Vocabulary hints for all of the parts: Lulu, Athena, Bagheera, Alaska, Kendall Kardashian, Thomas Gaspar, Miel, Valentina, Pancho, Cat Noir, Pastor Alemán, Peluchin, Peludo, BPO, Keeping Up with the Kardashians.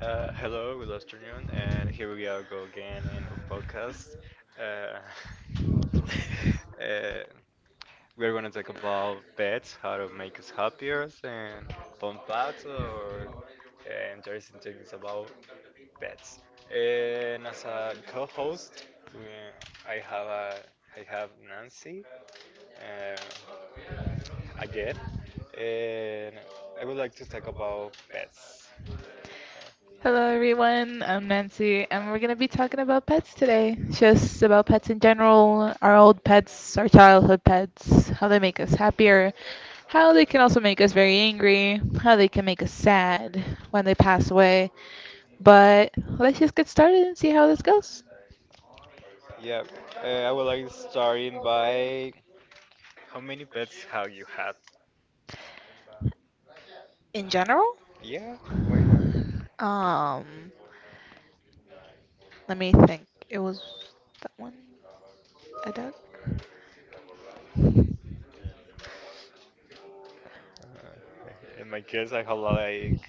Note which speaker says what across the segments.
Speaker 1: Hello, good afternoon, and here we are go again in our podcast. Uh, uh, we're going to talk about pets, how to make us happier, and fun facts or interesting things about pets. And as a co-host, we, I have a, I have Nancy uh, again, and I would like to talk about pets.
Speaker 2: Hello everyone, I'm Nancy, and we're going to be talking about pets today. Just about pets in general, our old pets, our childhood pets, how they make us happier, how they can also make us very angry, how they can make us sad when they pass away. But let's just get started and see how this goes.
Speaker 1: Yeah, I would like starting by how many pets have you had?
Speaker 2: In general,
Speaker 1: Yeah, why not?
Speaker 2: um, let me think. It was that one, a duck,
Speaker 1: In my case, I have like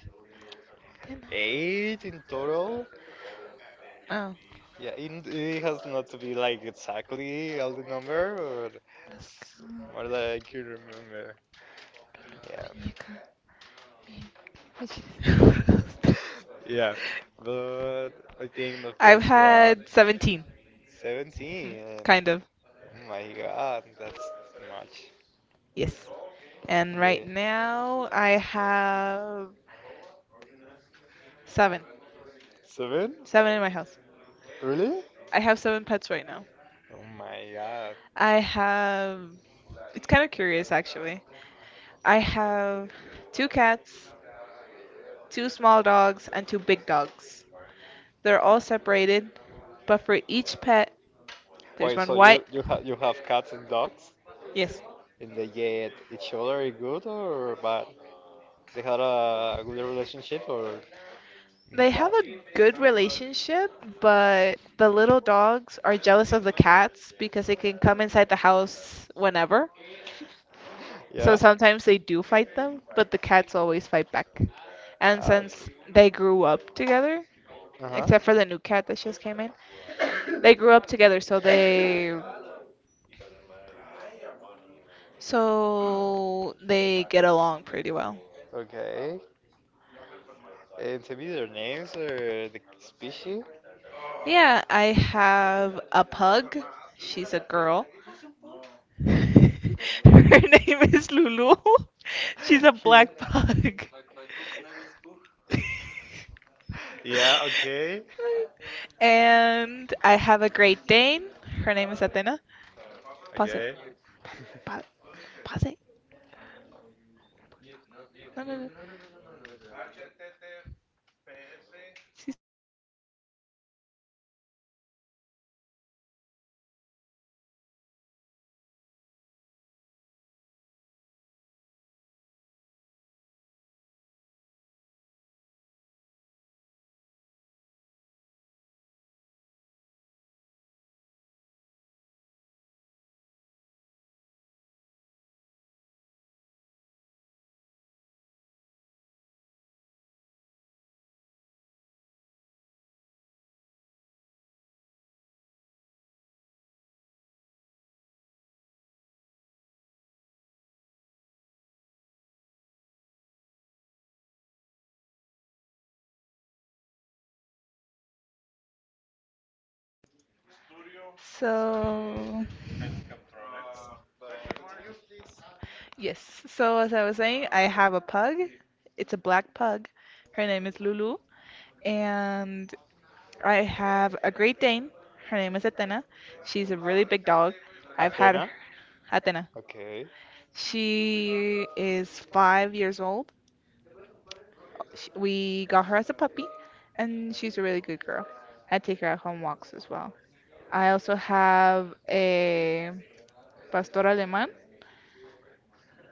Speaker 2: didn't I?
Speaker 1: eight in total.
Speaker 2: Oh,
Speaker 1: Yeah. It has not to be like exactly all the number, but s-
Speaker 2: las
Speaker 1: more that I can remember. Yeah,
Speaker 2: muñeca, mi- which
Speaker 1: Yeah, but I think the
Speaker 2: I've
Speaker 1: first one,
Speaker 2: had 17, mm,
Speaker 1: 17.
Speaker 2: kind
Speaker 1: Oh
Speaker 2: of,
Speaker 1: my God, that's much.
Speaker 2: yes. And
Speaker 1: Yeah.
Speaker 2: right now I have seven,
Speaker 1: Seven?
Speaker 2: seven in my house.
Speaker 1: Really?
Speaker 2: I have seven pets right now.
Speaker 1: Oh my God.
Speaker 2: I have, it's kind of curious actually. I have two cats, two small dogs, and two big dogs. They're all separated, but for each pet, there's
Speaker 1: Wait,
Speaker 2: one
Speaker 1: so
Speaker 2: white,
Speaker 1: you have cats and dogs?
Speaker 2: yes,
Speaker 1: Did they get each other good or bad? They had a good relationship or
Speaker 2: they have
Speaker 1: bad?
Speaker 2: a good relationship, but the little dogs are jealous of the cats because they can come inside the house whenever. So
Speaker 1: Yeah?
Speaker 2: sometimes they do fight them, but the cats always fight back. And
Speaker 1: Ah,
Speaker 2: since
Speaker 1: okay.
Speaker 2: they grew up together,
Speaker 1: Uh huh.
Speaker 2: except for the new cat that just came in, they grew up together, so they get along pretty well.
Speaker 1: Okay. And tell me their names or the species?
Speaker 2: Yeah, I have a pug. She's a girl. Her name is Lulu. She's a
Speaker 1: Yeah.
Speaker 2: black pug.
Speaker 1: Yeah, okay.
Speaker 2: And I have a Great Dane. Her name is Athena. Pause it.
Speaker 1: Okay.
Speaker 2: Pa- pause it. No, no, no. So, yes. So, as I was saying, I have a pug. It's a black pug. Her name is Lulu. And I have a Great Dane. Her name is Athena. She's a really big dog. I've had her,
Speaker 1: Athena?
Speaker 2: Athena.
Speaker 1: Okay.
Speaker 2: She is 5 years old. Sh we got her as a puppy, and she's a really good girl. I take her out on walks as well. I also have a pastor alemán.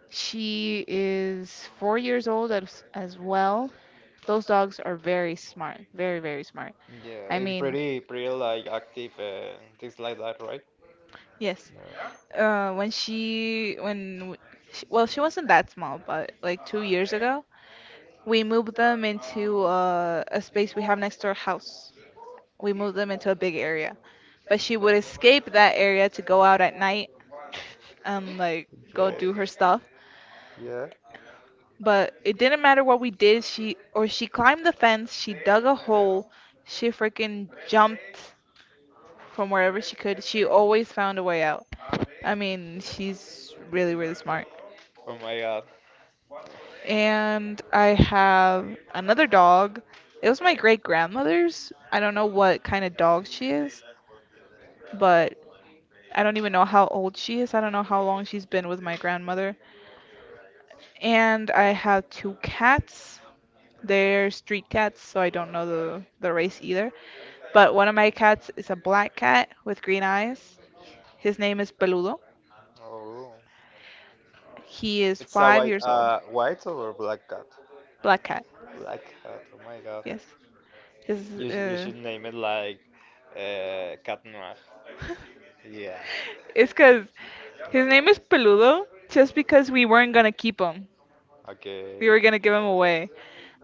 Speaker 2: She is 4 years old as well. Those dogs are very smart, very, very smart.
Speaker 1: Yeah,
Speaker 2: I
Speaker 1: and
Speaker 2: mean,
Speaker 1: pretty like active and things like that, right?
Speaker 2: yes.
Speaker 1: Yeah.
Speaker 2: When she, when, w- she, well, she wasn't that small, but like 2 years ago, we moved them into a space we have next to our house. We moved them into a big area. But she would escape that area to go out at night and like go do
Speaker 1: Okay.
Speaker 2: her stuff.
Speaker 1: Yeah.
Speaker 2: But it didn't matter what we did, she climbed the fence, she dug a hole, she freaking jumped from wherever she could. She always found a way out. I mean, she's really, really smart.
Speaker 1: Oh my God.
Speaker 2: And I have another dog. It was my great grandmother's. I don't know what kind of dog she is, but I don't even know how old she is. I don't know how long she's been with my grandmother. And I have two cats. They're street cats, so I don't know the race either. But one of my cats is a black cat with green eyes. His name is Peludo.
Speaker 1: Oh.
Speaker 2: He is
Speaker 1: It's a
Speaker 2: five years old.
Speaker 1: white or black cat?
Speaker 2: Black cat,
Speaker 1: Black cat. Oh my God.
Speaker 2: yes. His
Speaker 1: You should name it like Cat Noir. Yeah.
Speaker 2: it's because his name is Peludo just because we weren't gonna keep him.
Speaker 1: Okay.
Speaker 2: We were gonna give him away.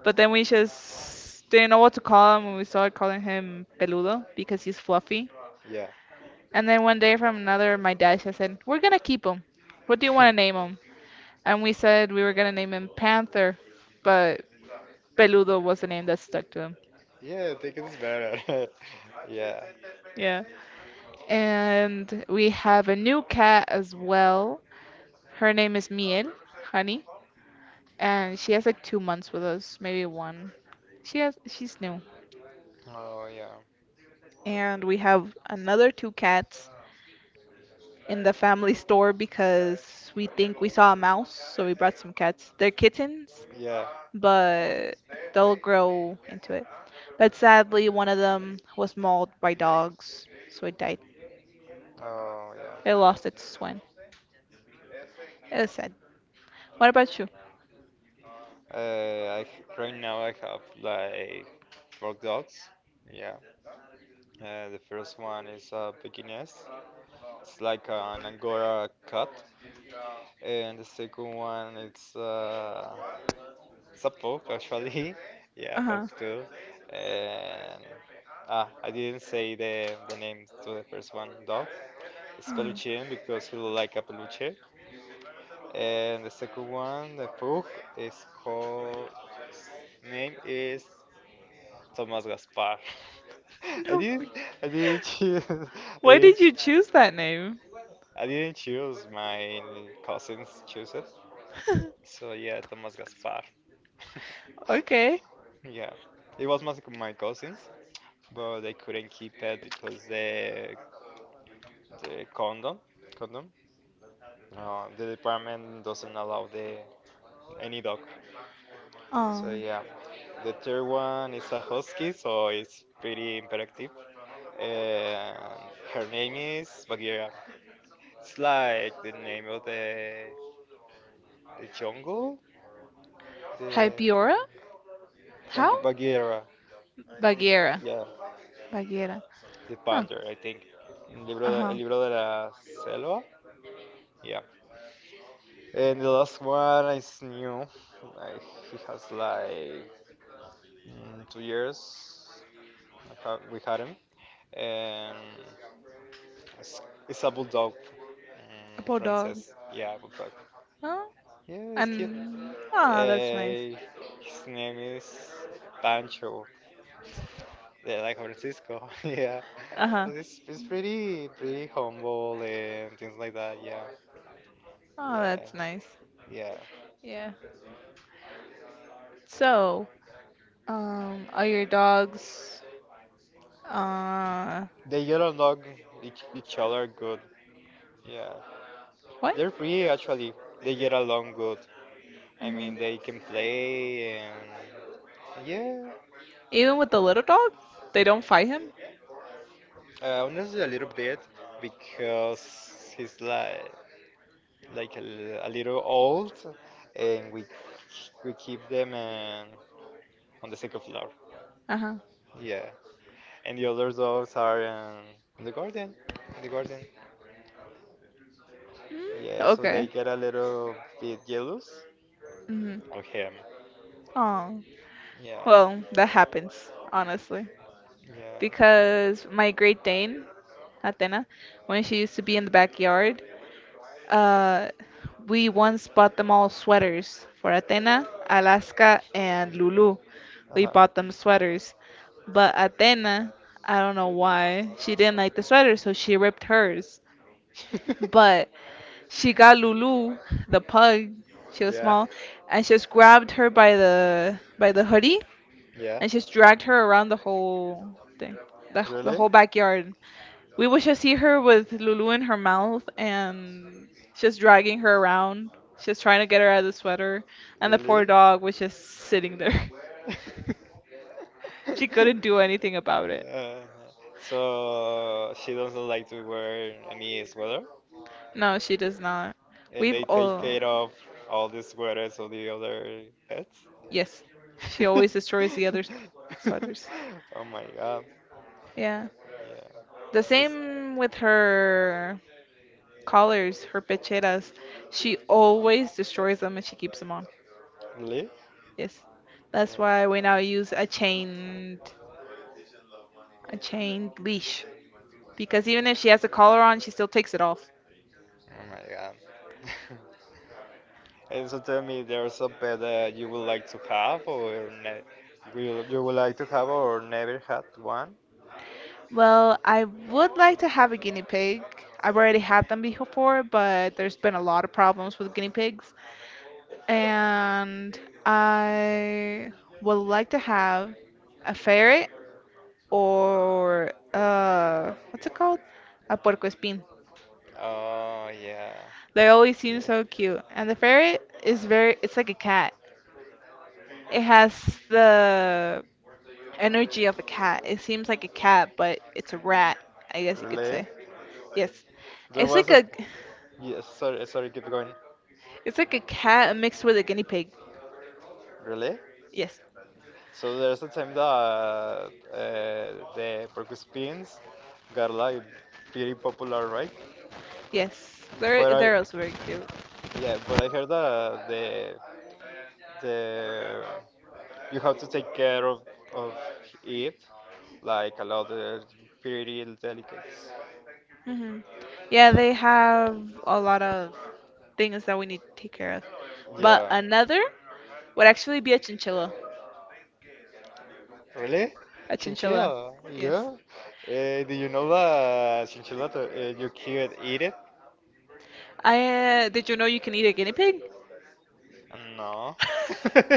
Speaker 2: But then we just didn't know what to call him, and we started calling him Peludo because he's fluffy.
Speaker 1: Yeah.
Speaker 2: And then one day from another, my dad just said, "We're gonna keep him. What do you want to name him?" And we said we were gonna name him Panther, but Peludo was the name that stuck to him.
Speaker 1: Yeah, I think it's better. Yeah.
Speaker 2: Yeah. And we have a new cat as well. Her name is Miel, honey, and she has like 2 months with us, maybe one. She's new.
Speaker 1: Oh yeah.
Speaker 2: And we have another two cats in the family store because we think we saw a mouse, so we brought some cats. They're kittens,
Speaker 1: Yeah.
Speaker 2: but they'll grow into it. But sadly, one of them was mauled by dogs, so it died.
Speaker 1: Oh
Speaker 2: It lost its twin.
Speaker 1: yeah.
Speaker 2: It was sad. What about you?
Speaker 1: Right now I have like four dogs. Yeah. The first one is a Pekingese. It's like an Angora cat, and the second one it's a pug actually. Yeah,
Speaker 2: Uh
Speaker 1: pug
Speaker 2: huh.
Speaker 1: too. And I didn't say the name to the first one dog. It's
Speaker 2: Mm.
Speaker 1: Peluchin because he look like a peluche. And the second one, the pug, is called name is Thomas Gaspar. I
Speaker 2: No way.
Speaker 1: didn't, I didn't choose. I
Speaker 2: Why did
Speaker 1: didn't,
Speaker 2: you choose that name?
Speaker 1: I didn't choose. My cousins choose it. So yeah, Thomas Gaspar.
Speaker 2: Okay.
Speaker 1: Yeah, it was my cousins, but they couldn't keep it because the condom. The department doesn't allow the any dog. So
Speaker 2: Um,
Speaker 1: yeah, the third one is a husky, so it's pretty imperative. And her name is Bagheera. It's like the name of the jungle, the, the
Speaker 2: Hypeora? How?
Speaker 1: Bagheera,
Speaker 2: Bagheera.
Speaker 1: yeah,
Speaker 2: Bagheera.
Speaker 1: the
Speaker 2: Huh.
Speaker 1: panther, I think.
Speaker 2: Uh-huh.
Speaker 1: El libro de la selva, yeah. And the last one is new. Like, he has like 2 years. We had him, and it's, it's a bulldog,
Speaker 2: A poor dog.
Speaker 1: princess. Yeah, bulldog.
Speaker 2: Huh?
Speaker 1: Yeah, it's cute.
Speaker 2: And ah, that's nice.
Speaker 1: Uh, his name is Pancho, yeah, like Francisco. Yeah,
Speaker 2: Uh-huh.
Speaker 1: but it's pretty humble and things like that. Yeah,
Speaker 2: Oh,
Speaker 1: yeah,
Speaker 2: that's nice.
Speaker 1: yeah.
Speaker 2: Yeah. So, are your dogs uh
Speaker 1: They get along each other good. Yeah,
Speaker 2: what?
Speaker 1: they're free actually. They get along good. I
Speaker 2: Hmm.
Speaker 1: mean, they can play and yeah.
Speaker 2: Even with the little dog, they don't fight him.
Speaker 1: Honestly, a little bit because he's like a little old, and we keep them on the second floor.
Speaker 2: Uh huh.
Speaker 1: Yeah, and the other dogs are in the garden. In the garden.
Speaker 2: Mm,
Speaker 1: Yeah, so
Speaker 2: okay.
Speaker 1: they get a little bit jealous
Speaker 2: Mhm.
Speaker 1: of him.
Speaker 2: Oh.
Speaker 1: Yeah,
Speaker 2: Well, that happens honestly
Speaker 1: yeah.
Speaker 2: because my Great Dane, Athena, when she used to be in the backyard, uh, we once bought them all sweaters for Athena, Alaska, and Lulu. We
Speaker 1: Uh-huh.
Speaker 2: bought them sweaters, but Athena, I don't know why, she didn't like the sweater, so she ripped hers. But she got Lulu, the pug. She was
Speaker 1: Yeah,
Speaker 2: small, and she just grabbed her by the hoodie,
Speaker 1: yeah.
Speaker 2: and she just dragged her around the whole thing, the
Speaker 1: Really?
Speaker 2: whole backyard. We would just see her with Lulu in her mouth, and just dragging her around. She's trying to get her out of the sweater, and the
Speaker 1: Really?
Speaker 2: poor dog was just sitting there. She couldn't do anything about it.
Speaker 1: Yeah. So she doesn't like to wear any sweater,
Speaker 2: No, she does not.
Speaker 1: and
Speaker 2: We've
Speaker 1: they take
Speaker 2: all
Speaker 1: care of all the sweaters of the other pets.
Speaker 2: yes, she always destroys the other sweaters.
Speaker 1: Oh my God.
Speaker 2: Yeah. The
Speaker 1: Yeah. It's-
Speaker 2: same with her collars, her pecheras. She always destroys them and she keeps them on.
Speaker 1: Really?
Speaker 2: Yes. That's why we now use
Speaker 1: Yeah.
Speaker 2: a chained leash. Because even if she has a collar on, she still takes it off.
Speaker 1: Oh my God. And so tell me, there's a pet that you would like to have or ne will you would like to have or never had one?
Speaker 2: Well, I would like to have a guinea pig. I've already had them before, but there's been a lot of problems with guinea pigs. And I would like to have a ferret or what's it called? A puerco espin.
Speaker 1: Oh yeah.
Speaker 2: They always
Speaker 1: Yeah.
Speaker 2: seem so cute. And the ferret is very, it's like a cat. It has the energy of a cat. It seems like a cat, but it's a rat, I guess you could
Speaker 1: Really?
Speaker 2: say. Yes.
Speaker 1: There
Speaker 2: It's
Speaker 1: was
Speaker 2: like
Speaker 1: a Yes, sorry, keep going.
Speaker 2: it's like a cat mixed with a guinea pig.
Speaker 1: Really?
Speaker 2: Yes.
Speaker 1: So there's a time that the porcupines got like pretty popular, right?
Speaker 2: Yes.
Speaker 1: But I,
Speaker 2: They're also very cute.
Speaker 1: yeah, but I heard that the you have to take care of it like a lot of pretty delicates.
Speaker 2: Hmm. Yeah,
Speaker 1: Yeah.
Speaker 2: they have a lot of things that we need to take care of. But
Speaker 1: Yeah.
Speaker 2: another would actually be a chinchilla.
Speaker 1: Really?
Speaker 2: A chinchilla.
Speaker 1: Chinchilla?
Speaker 2: Yes.
Speaker 1: Yeah. Do you know that chinchilla you can't eat it?
Speaker 2: I did you know you can eat a guinea pig?
Speaker 1: No.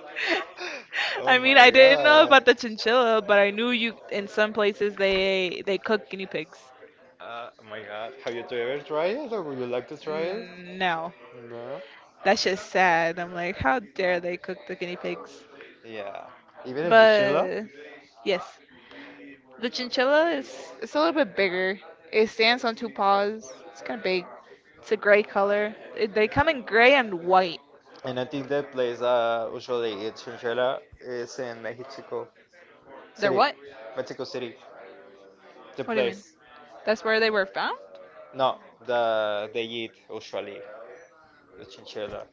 Speaker 1: Oh
Speaker 2: I mean,
Speaker 1: my
Speaker 2: I didn't know
Speaker 1: God.
Speaker 2: about the chinchilla, but I knew you in some places they cook guinea pigs.
Speaker 1: Oh my God. Have you two ever tried it or would you like to try it?
Speaker 2: Mm, no,
Speaker 1: No.
Speaker 2: that's just sad. I'm like, how dare they cook the guinea pigs?
Speaker 1: Yeah. Even a chinchilla?
Speaker 2: But yes, the chinchilla is it's a little bit bigger. It stands on two paws. It's kind of big. It's a gray color. It, they come in gray and white.
Speaker 1: And I think that place usually it's chinchilla is in Mexico
Speaker 2: They're
Speaker 1: City.
Speaker 2: what?
Speaker 1: Mexico City. The
Speaker 2: What do you mean?
Speaker 1: place.
Speaker 2: That's where they were found?
Speaker 1: No, they eat usually the chinchilla.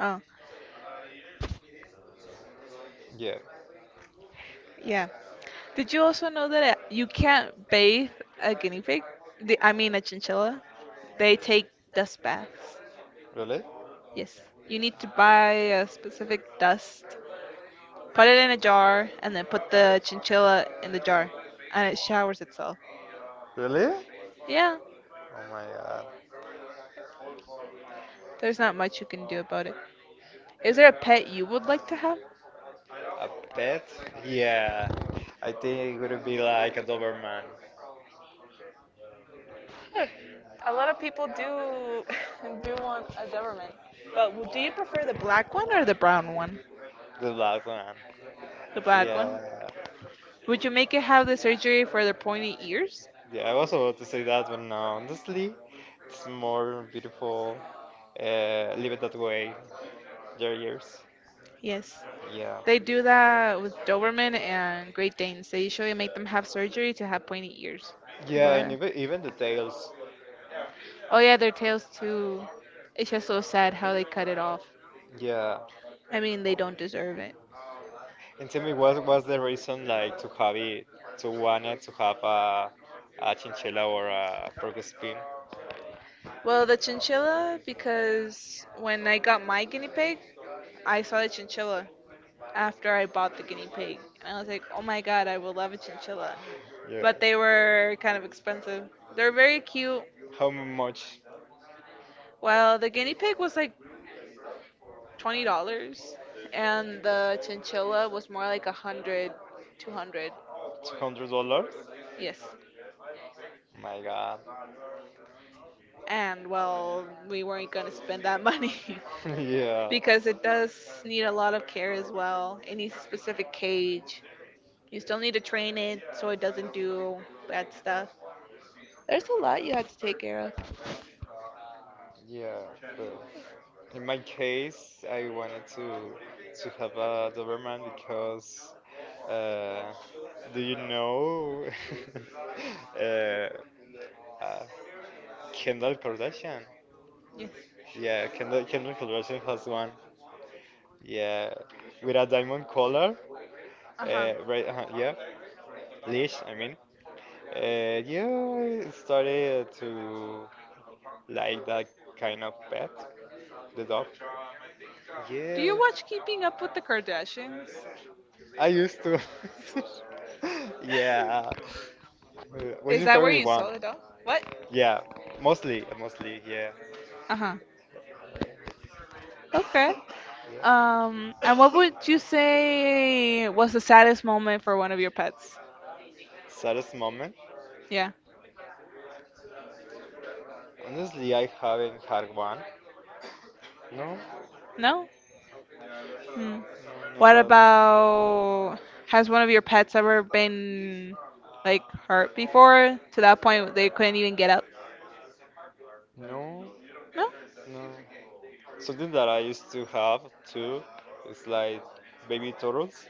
Speaker 2: Oh,
Speaker 1: Yeah.
Speaker 2: yeah. Did you also know that you can't bathe a guinea pig? I mean, a chinchilla. They take dust baths.
Speaker 1: Really?
Speaker 2: Yes. You need to buy a specific dust, put it in a jar, and then put the chinchilla in the jar, and it showers itself.
Speaker 1: Really?
Speaker 2: Yeah,
Speaker 1: Oh my God.
Speaker 2: there's not much you can do about it. Is there a pet you would like to have?
Speaker 1: A pet? Yeah. I think it would be like a Doberman.
Speaker 2: Hmm. A lot of people do do want a Doberman, but do you prefer the black one or the brown one?
Speaker 1: The last one.
Speaker 2: The black
Speaker 1: Yeah.
Speaker 2: one. Would you make it have the surgery for the pointy ears?
Speaker 1: Yeah, I was about to say that, but no, honestly, it's more beautiful. Leave it that way. Their ears.
Speaker 2: Yes.
Speaker 1: Yeah.
Speaker 2: They do that with Doberman and Great Danes. They usually make them have surgery to have pointy ears.
Speaker 1: Yeah, and
Speaker 2: But
Speaker 1: even the tails.
Speaker 2: oh yeah, their tails too. It's just so sad how they cut it off.
Speaker 1: Yeah.
Speaker 2: I mean, they don't deserve it.
Speaker 1: And tell me, what was the reason like to have it, to wanted to have a chinchilla or a porcupine?
Speaker 2: Well, the chinchilla because when I got my guinea pig, I saw the chinchilla after I bought the guinea pig. And I was like, oh my god, I will love a chinchilla.
Speaker 1: Yeah.
Speaker 2: But they were kind of expensive. They're very cute.
Speaker 1: How much?
Speaker 2: Well, the guinea pig was like $20, and the chinchilla was more like a hundred, 200.
Speaker 1: $200?
Speaker 2: Yes.
Speaker 1: My God.
Speaker 2: And well, we weren't gonna spend that money
Speaker 1: Yeah.
Speaker 2: because it does need a lot of care as well. It needs a specific cage. You still need to train it so it doesn't do bad stuff. There's a lot you had to take care of.
Speaker 1: Yeah, but in my case, I wanted to have a Doberman because, uh, do you know, uh, uh, Kendall Kardashian?
Speaker 2: Yes.
Speaker 1: Yeah, Kendall Kardashian has one. Yeah, with a diamond collar.
Speaker 2: Uh huh.
Speaker 1: Right. Yeah, leash. I mean. Yeah, I started to like that kind of pet. The dog?
Speaker 2: Do
Speaker 1: Yeah.
Speaker 2: you watch Keeping Up with the Kardashians?
Speaker 1: I used to. Yeah. What's
Speaker 2: Is
Speaker 1: your
Speaker 2: that where
Speaker 1: favorite
Speaker 2: you
Speaker 1: one?
Speaker 2: saw it all? What?
Speaker 1: Yeah. Mostly. Mostly. Yeah.
Speaker 2: Uh huh. Okay.
Speaker 1: Yeah.
Speaker 2: And what would you say was the saddest moment for one of your pets?
Speaker 1: Saddest moment?
Speaker 2: Yeah.
Speaker 1: Honestly, I haven't had one. No.
Speaker 2: No? Hmm.
Speaker 1: No. No.
Speaker 2: What
Speaker 1: That.
Speaker 2: about has one of your pets ever been like hurt before to that point they couldn't even get up?
Speaker 1: No.
Speaker 2: No?
Speaker 1: No. Something that I used to have too is like baby turtles.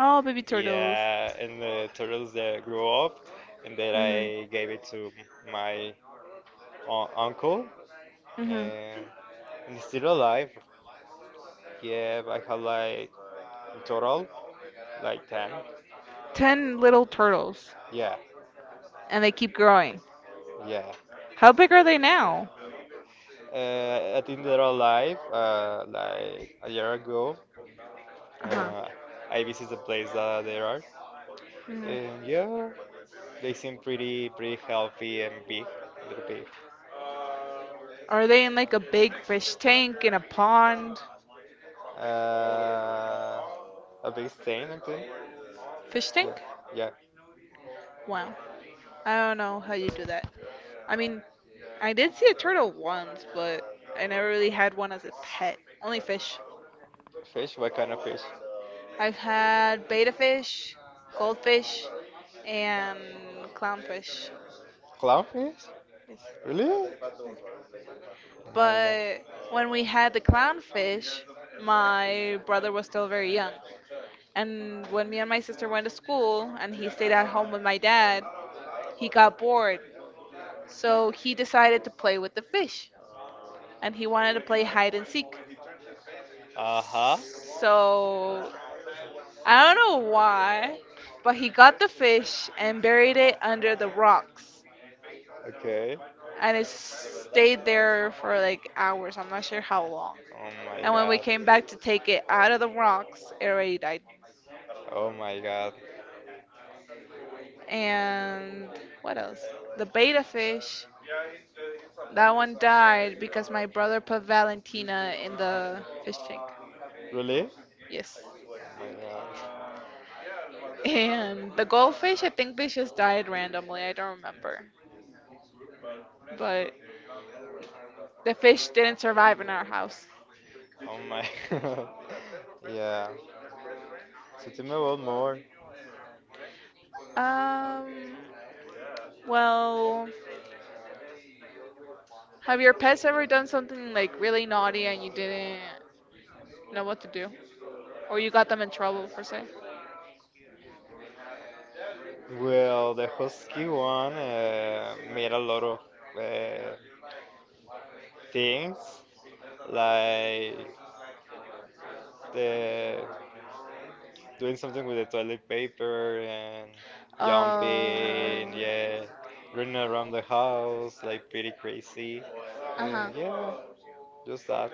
Speaker 2: Oh, baby turtles.
Speaker 1: Yeah, and the turtles that grew up, and then
Speaker 2: Mhm.
Speaker 1: I gave it to my uncle,
Speaker 2: Mhm.
Speaker 1: and, it's still alive. Yeah, I have like in total like 10.
Speaker 2: 10 little turtles
Speaker 1: Yeah,
Speaker 2: and they keep growing.
Speaker 1: yeah.
Speaker 2: How big are they now?
Speaker 1: I think they're alive. Like a year ago,
Speaker 2: Uh-huh.
Speaker 1: uh, I visited the place that they are,
Speaker 2: Mhm.
Speaker 1: and yeah, they seem pretty healthy and big. They're big.
Speaker 2: Are they in like a big fish tank in a pond?
Speaker 1: Uh, a big stain, I think.
Speaker 2: Fish tank?
Speaker 1: Yeah, yeah.
Speaker 2: Wow. I don't know how you do that. I mean, I did see a turtle once, but I never really had one as a pet. Only fish.
Speaker 1: Fish? What kind of fish?
Speaker 2: I've had betta fish, goldfish, and clownfish.
Speaker 1: Clownfish?
Speaker 2: Yes.
Speaker 1: Really? Oh my God.
Speaker 2: But when we had the clownfish, my brother was still very young. And when me and my sister went to school and he stayed at home with my dad, he got bored. So he decided to play with the fish. And he wanted to play hide and seek.
Speaker 1: Uh huh.
Speaker 2: So I don't know why, but he got the fish and buried it under the rocks.
Speaker 1: Okay.
Speaker 2: And it stayed there for like hours. I'm not sure how long.
Speaker 1: Oh my
Speaker 2: And when we
Speaker 1: God.
Speaker 2: came back to take it out of the rocks, it already died.
Speaker 1: Oh my God.
Speaker 2: And what else? The betta fish. That one died because my brother put Valentina in the fish tank.
Speaker 1: Really?
Speaker 2: Yes.
Speaker 1: Oh my God!
Speaker 2: And the goldfish, I think they just died randomly. I don't remember. But the fish didn't survive in our house.
Speaker 1: Oh my God. Yeah. So tell me about more.
Speaker 2: Um, well, have your pets ever done something like really naughty and you didn't know what to do? Or you got them in trouble, per se?
Speaker 1: Well, the Husky one made a lot of uh, things, like the doing something with the toilet paper and jumping,
Speaker 2: Oh.
Speaker 1: yeah, running around the house like pretty crazy,
Speaker 2: Uh huh.
Speaker 1: and yeah, just that.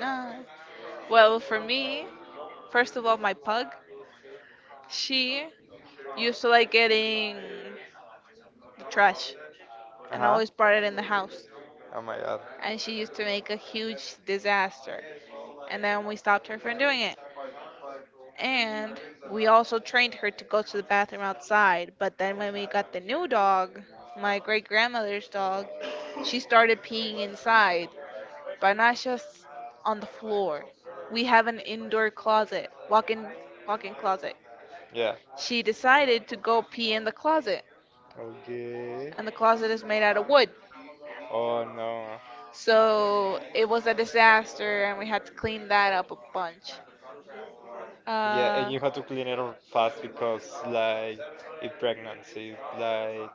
Speaker 2: No. Well, for me, first of all, my pug, she used to like getting the trash
Speaker 1: Uh
Speaker 2: and
Speaker 1: huh.
Speaker 2: always brought it in the house.
Speaker 1: Oh my God.
Speaker 2: And she used to make a huge disaster. And then we stopped her from doing it. And we also trained her to go to the bathroom outside. But then when we got the new dog, my great grandmother's dog, she started peeing inside, but not just on the floor. We have an indoor closet, walk-in closet.
Speaker 1: Yeah.
Speaker 2: She decided to go pee in the closet,
Speaker 1: Okay.
Speaker 2: and the closet is made out of wood.
Speaker 1: Oh no.
Speaker 2: So it was a disaster, and we had to clean that up a bunch.
Speaker 1: Yeah, and
Speaker 2: Uh,
Speaker 1: you have to clean it up fast because like it pregnant, it like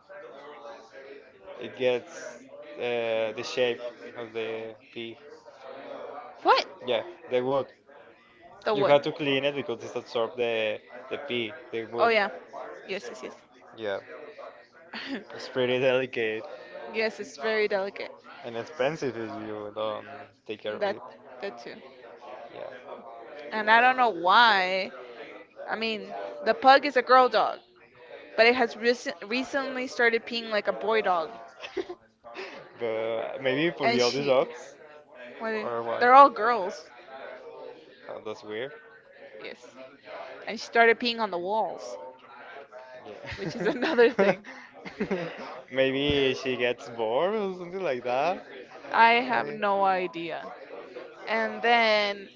Speaker 1: it gets the shape of the pea.
Speaker 2: what?
Speaker 1: Yeah, the wood.
Speaker 2: The
Speaker 1: You
Speaker 2: what?
Speaker 1: have to clean it because it absorbs the pee, the
Speaker 2: Oh
Speaker 1: wood.
Speaker 2: yeah. Yes, yes,
Speaker 1: Yeah,
Speaker 2: yes.
Speaker 1: it's pretty delicate
Speaker 2: Yes, it's very delicate.
Speaker 1: and expensive if you don't take care of
Speaker 2: That,
Speaker 1: it.
Speaker 2: that too.
Speaker 1: Yeah.
Speaker 2: And I don't know why. I mean, the pug is a girl dog, but it has recently started peeing like a boy dog.
Speaker 1: But maybe for
Speaker 2: And
Speaker 1: the older
Speaker 2: she,
Speaker 1: dogs
Speaker 2: well,
Speaker 1: or what?
Speaker 2: they're all girls.
Speaker 1: Oh, that's weird.
Speaker 2: Yes. And she started peeing on the walls, which is another
Speaker 1: Yeah.
Speaker 2: thing.
Speaker 1: Maybe she gets bored or something like that.
Speaker 2: I have
Speaker 1: Maybe.
Speaker 2: no idea. And then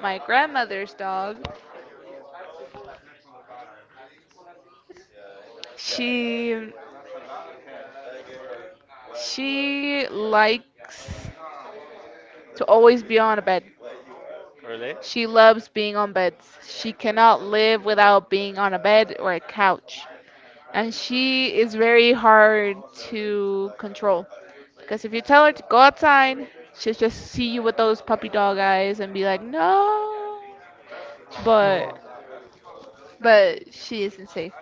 Speaker 2: my grandmother's dog, she she likes to always be on a bed.
Speaker 1: Really?
Speaker 2: She loves being on beds. She cannot live without being on a bed or a couch. And she is very hard to control. Because if you tell her to go outside, she'll just see you with those puppy dog eyes and be like, no. But but she isn't safe.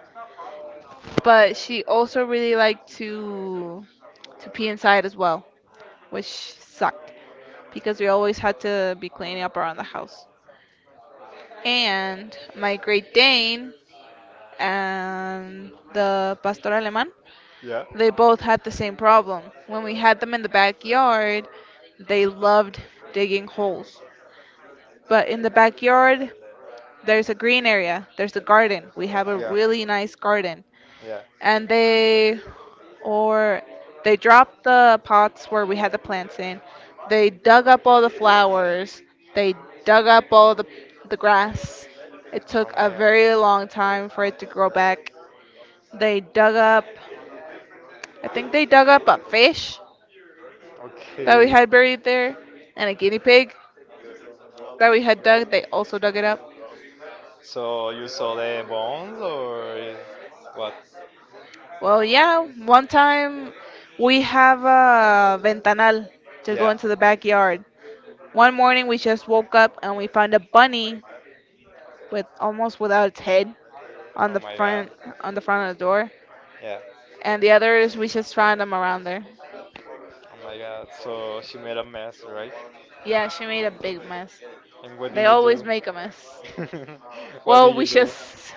Speaker 2: But she also really liked to pee inside as well, which sucked because we always had to be cleaning up around the house. And my Great Dane and the Pastor Alemán,
Speaker 1: Yeah.
Speaker 2: they both had the same problem. When we had them in the backyard, they loved digging holes. But in the backyard, there's a green area, there's a garden. We have a really nice garden.
Speaker 1: Yeah.
Speaker 2: And they or they dropped the pots where we had the
Speaker 1: Yeah.
Speaker 2: plants in. They dug up all the
Speaker 1: Oh
Speaker 2: flowers. They dug up all the grass. It took a
Speaker 1: my
Speaker 2: very
Speaker 1: God.
Speaker 2: long time for it to grow back. They dug up I think they dug up a fish that we
Speaker 1: Okay.
Speaker 2: had buried there and a guinea pig that we had dug. They also dug it up.
Speaker 1: So you saw the bones or what?
Speaker 2: Well, yeah, one time we have a ventanal to go
Speaker 1: Yeah.
Speaker 2: into the backyard. One morning we just woke up and we found a bunny with almost without its head on
Speaker 1: Oh
Speaker 2: the
Speaker 1: my God.
Speaker 2: front on the front of the door.
Speaker 1: Yeah.
Speaker 2: And the others we just found them around there.
Speaker 1: Oh my God. So she made a mess, right?
Speaker 2: Yeah, she made a big mess.
Speaker 1: And what did
Speaker 2: They
Speaker 1: you
Speaker 2: always
Speaker 1: do?
Speaker 2: make a mess.
Speaker 1: What
Speaker 2: Well,
Speaker 1: did
Speaker 2: we
Speaker 1: you do?
Speaker 2: just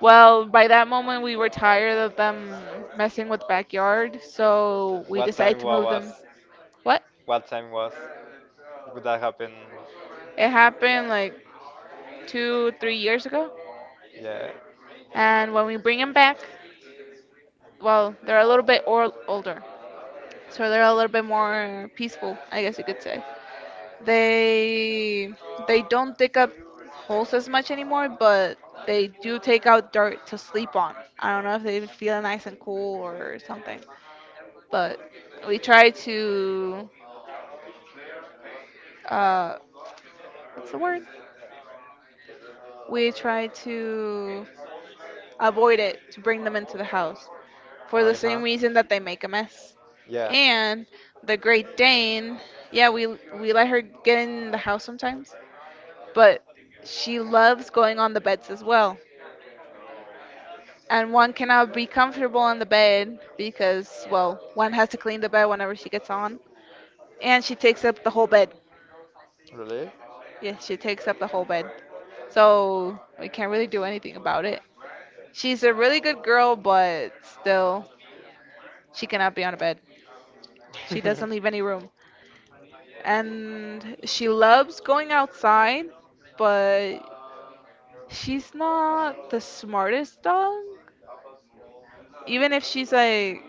Speaker 2: well, by that moment we were tired of them messing with the backyard, so we
Speaker 1: What
Speaker 2: decided
Speaker 1: time
Speaker 2: to
Speaker 1: wa-
Speaker 2: move them.
Speaker 1: was?
Speaker 2: What?
Speaker 1: What time was? Would that happen?
Speaker 2: It happened like two, 3 years ago.
Speaker 1: Yeah.
Speaker 2: And when we bring them back, well, they're a little bit older. So they're a little bit more peaceful, I guess you could say. They they don't dig up holes as much anymore, but they do take out dirt to sleep on. I don't know if they feel nice and cool or something, but we try to uh, what's the word? We try to avoid it to bring them into the house for the
Speaker 1: Uh
Speaker 2: same
Speaker 1: huh.
Speaker 2: reason that they make a mess.
Speaker 1: Yeah.
Speaker 2: And the Great Dane, yeah, we let her get in the house sometimes, but she loves going on the beds as well. And one cannot be comfortable on the bed because, well, one has to clean the bed whenever she gets on. And she takes up the whole bed.
Speaker 1: Really?
Speaker 2: Yes, she takes up the whole bed. So we can't really do anything about it. She's a really good girl, but still, she cannot be on a bed. She doesn't leave any room. And she loves going outside, but she's not the smartest dog. Even if she's like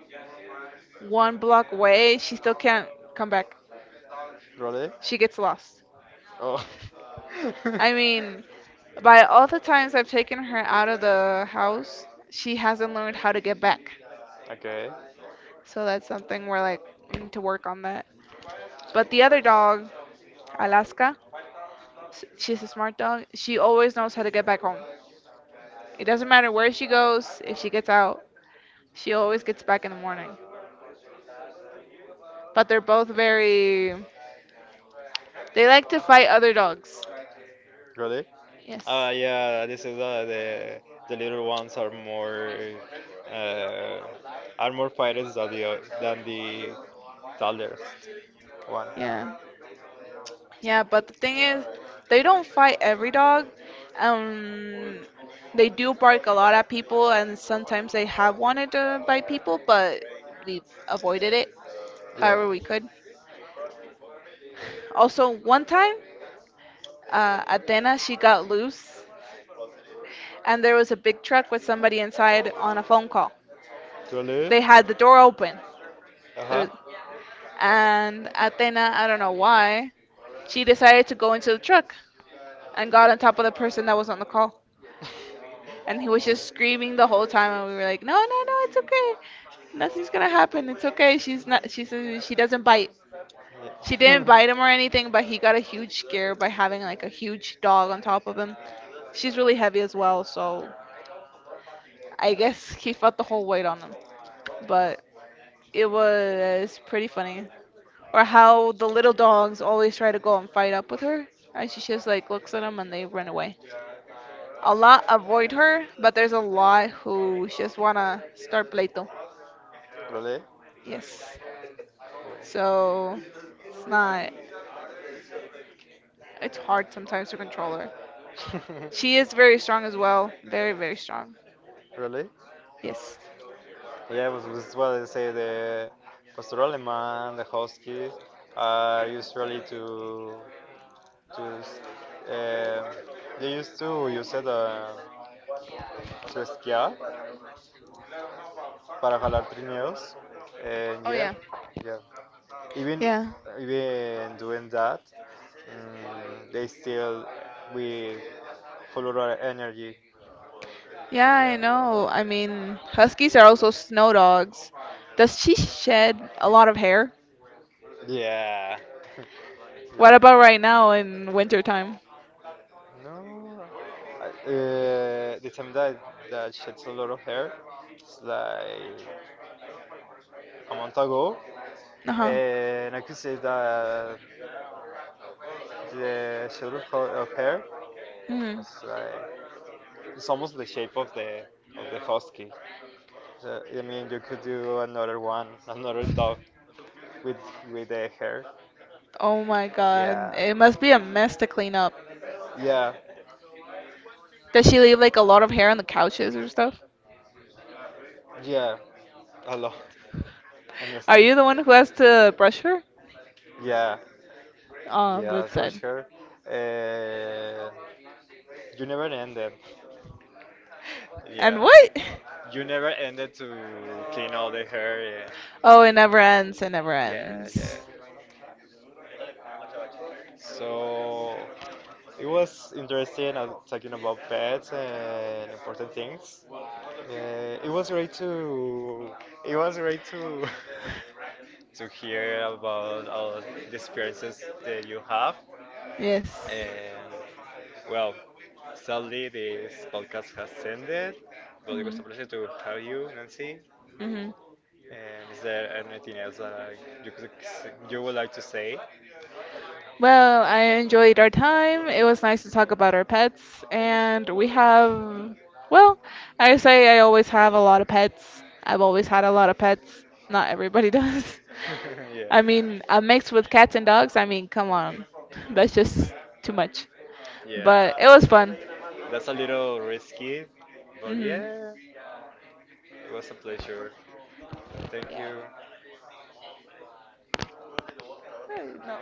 Speaker 2: one block away, she still can't come back.
Speaker 1: Really?
Speaker 2: She gets lost.
Speaker 1: Oh.
Speaker 2: I mean, by all the times I've taken her out of the house, she hasn't learned how to get back.
Speaker 1: Okay.
Speaker 2: So that's something we're like, we need to work on that. But the other dog, Alaska, she's a smart dog. She always knows how to get back home. It doesn't matter where she goes, if she gets out, she always gets back in the morning. But they're both very. They like to fight other dogs.
Speaker 1: Really?
Speaker 2: Yes.
Speaker 1: Yeah, this is the little ones uh, are more pirates than than the tallest one.
Speaker 2: Yeah. Yeah, but the thing is, they don't fight every dog. Um, they do bark a lot at people, and sometimes they have wanted to bite people, but we avoided it
Speaker 1: Yeah.
Speaker 2: however we could. Also, one time, Athena, she got loose, and there was a big truck with somebody inside on a phone call.
Speaker 1: Really?
Speaker 2: They had the door open,
Speaker 1: Uh huh.
Speaker 2: there, and Athena, I don't know why, she decided to go into the truck and got on top of the person that was on the call. And he was just screaming the whole time and we were like no no no it's okay, nothing's gonna happen, it's okay, she's not, she says she doesn't bite. She
Speaker 1: Yeah.
Speaker 2: didn't bite him or anything, but he got a huge scare by having like a huge dog on top of him. She's really heavy as well, so I guess he felt the whole weight on him. But it was pretty funny, or how the little dogs always try to go and fight up with her, and she just like looks at them and they run away. A lot avoid her, but there's a lot who just wanna start pleito.
Speaker 1: Really?
Speaker 2: Yes. So it's not, it's hard sometimes to control her.
Speaker 1: Cool.
Speaker 2: She is very strong as well. Very, very strong.
Speaker 1: Really?
Speaker 2: Yes.
Speaker 1: Yeah, but this is what I say. The Pastor Alemán, the Huskies, are usually to uh, they used to use it to esquiar para jalar trineos, and
Speaker 2: Oh,
Speaker 1: yeah,
Speaker 2: yeah.
Speaker 1: yeah. Even
Speaker 2: Yeah.
Speaker 1: even doing that, they still with full of energy.
Speaker 2: Yeah, I
Speaker 1: Yeah.
Speaker 2: know. I mean, huskies are also snow dogs. Does she shed a lot of hair?
Speaker 1: Yeah.
Speaker 2: What
Speaker 1: Yeah.
Speaker 2: about right now in winter time?
Speaker 1: No, the time that sheds a lot of hair, it's like a month ago,
Speaker 2: Uh-huh.
Speaker 1: and I could say that the shed of hair
Speaker 2: Hmm.
Speaker 1: is like it's almost the shape of the husky. So, I mean, you could do another one, another dog with with the hair.
Speaker 2: Oh my God.
Speaker 1: Yeah,
Speaker 2: It must be a mess to clean up.
Speaker 1: yeah,
Speaker 2: Does she leave like a lot of hair on the couches or stuff?
Speaker 1: yeah, a lot,
Speaker 2: Are
Speaker 1: honestly.
Speaker 2: you the one who has to brush her?
Speaker 1: Yeah.
Speaker 2: Oh,
Speaker 1: Yes,
Speaker 2: that's
Speaker 1: rush
Speaker 2: sad.
Speaker 1: her. And you never ended.
Speaker 2: And
Speaker 1: Yeah.
Speaker 2: what?
Speaker 1: You never ended to clean all the hair and
Speaker 2: Oh, it never ends. It never
Speaker 1: yeah, yeah.
Speaker 2: ends.
Speaker 1: So it was interesting talking about pets and important things. Yeah, it was great to to hear about all the experiences that you have.
Speaker 2: Yes.
Speaker 1: And well, sadly, this podcast has ended, but it was
Speaker 2: Hmm.
Speaker 1: a pleasure to have you, Nancy.
Speaker 2: Hmm.
Speaker 1: And is there anything else that you, could, you would like to say?
Speaker 2: Well, I enjoyed our time. It was nice to talk about our pets, and we have, well, I say I always have a lot of pets. I've always had a lot of pets. Not everybody does.
Speaker 1: Yeah,
Speaker 2: I mean, a mix with cats and dogs. I mean, come on, that's just too much.
Speaker 1: yeah.
Speaker 2: But it was fun.
Speaker 1: That's a little risky, but
Speaker 2: Hmm.
Speaker 1: yeah, it was a pleasure. Thank you.
Speaker 2: No.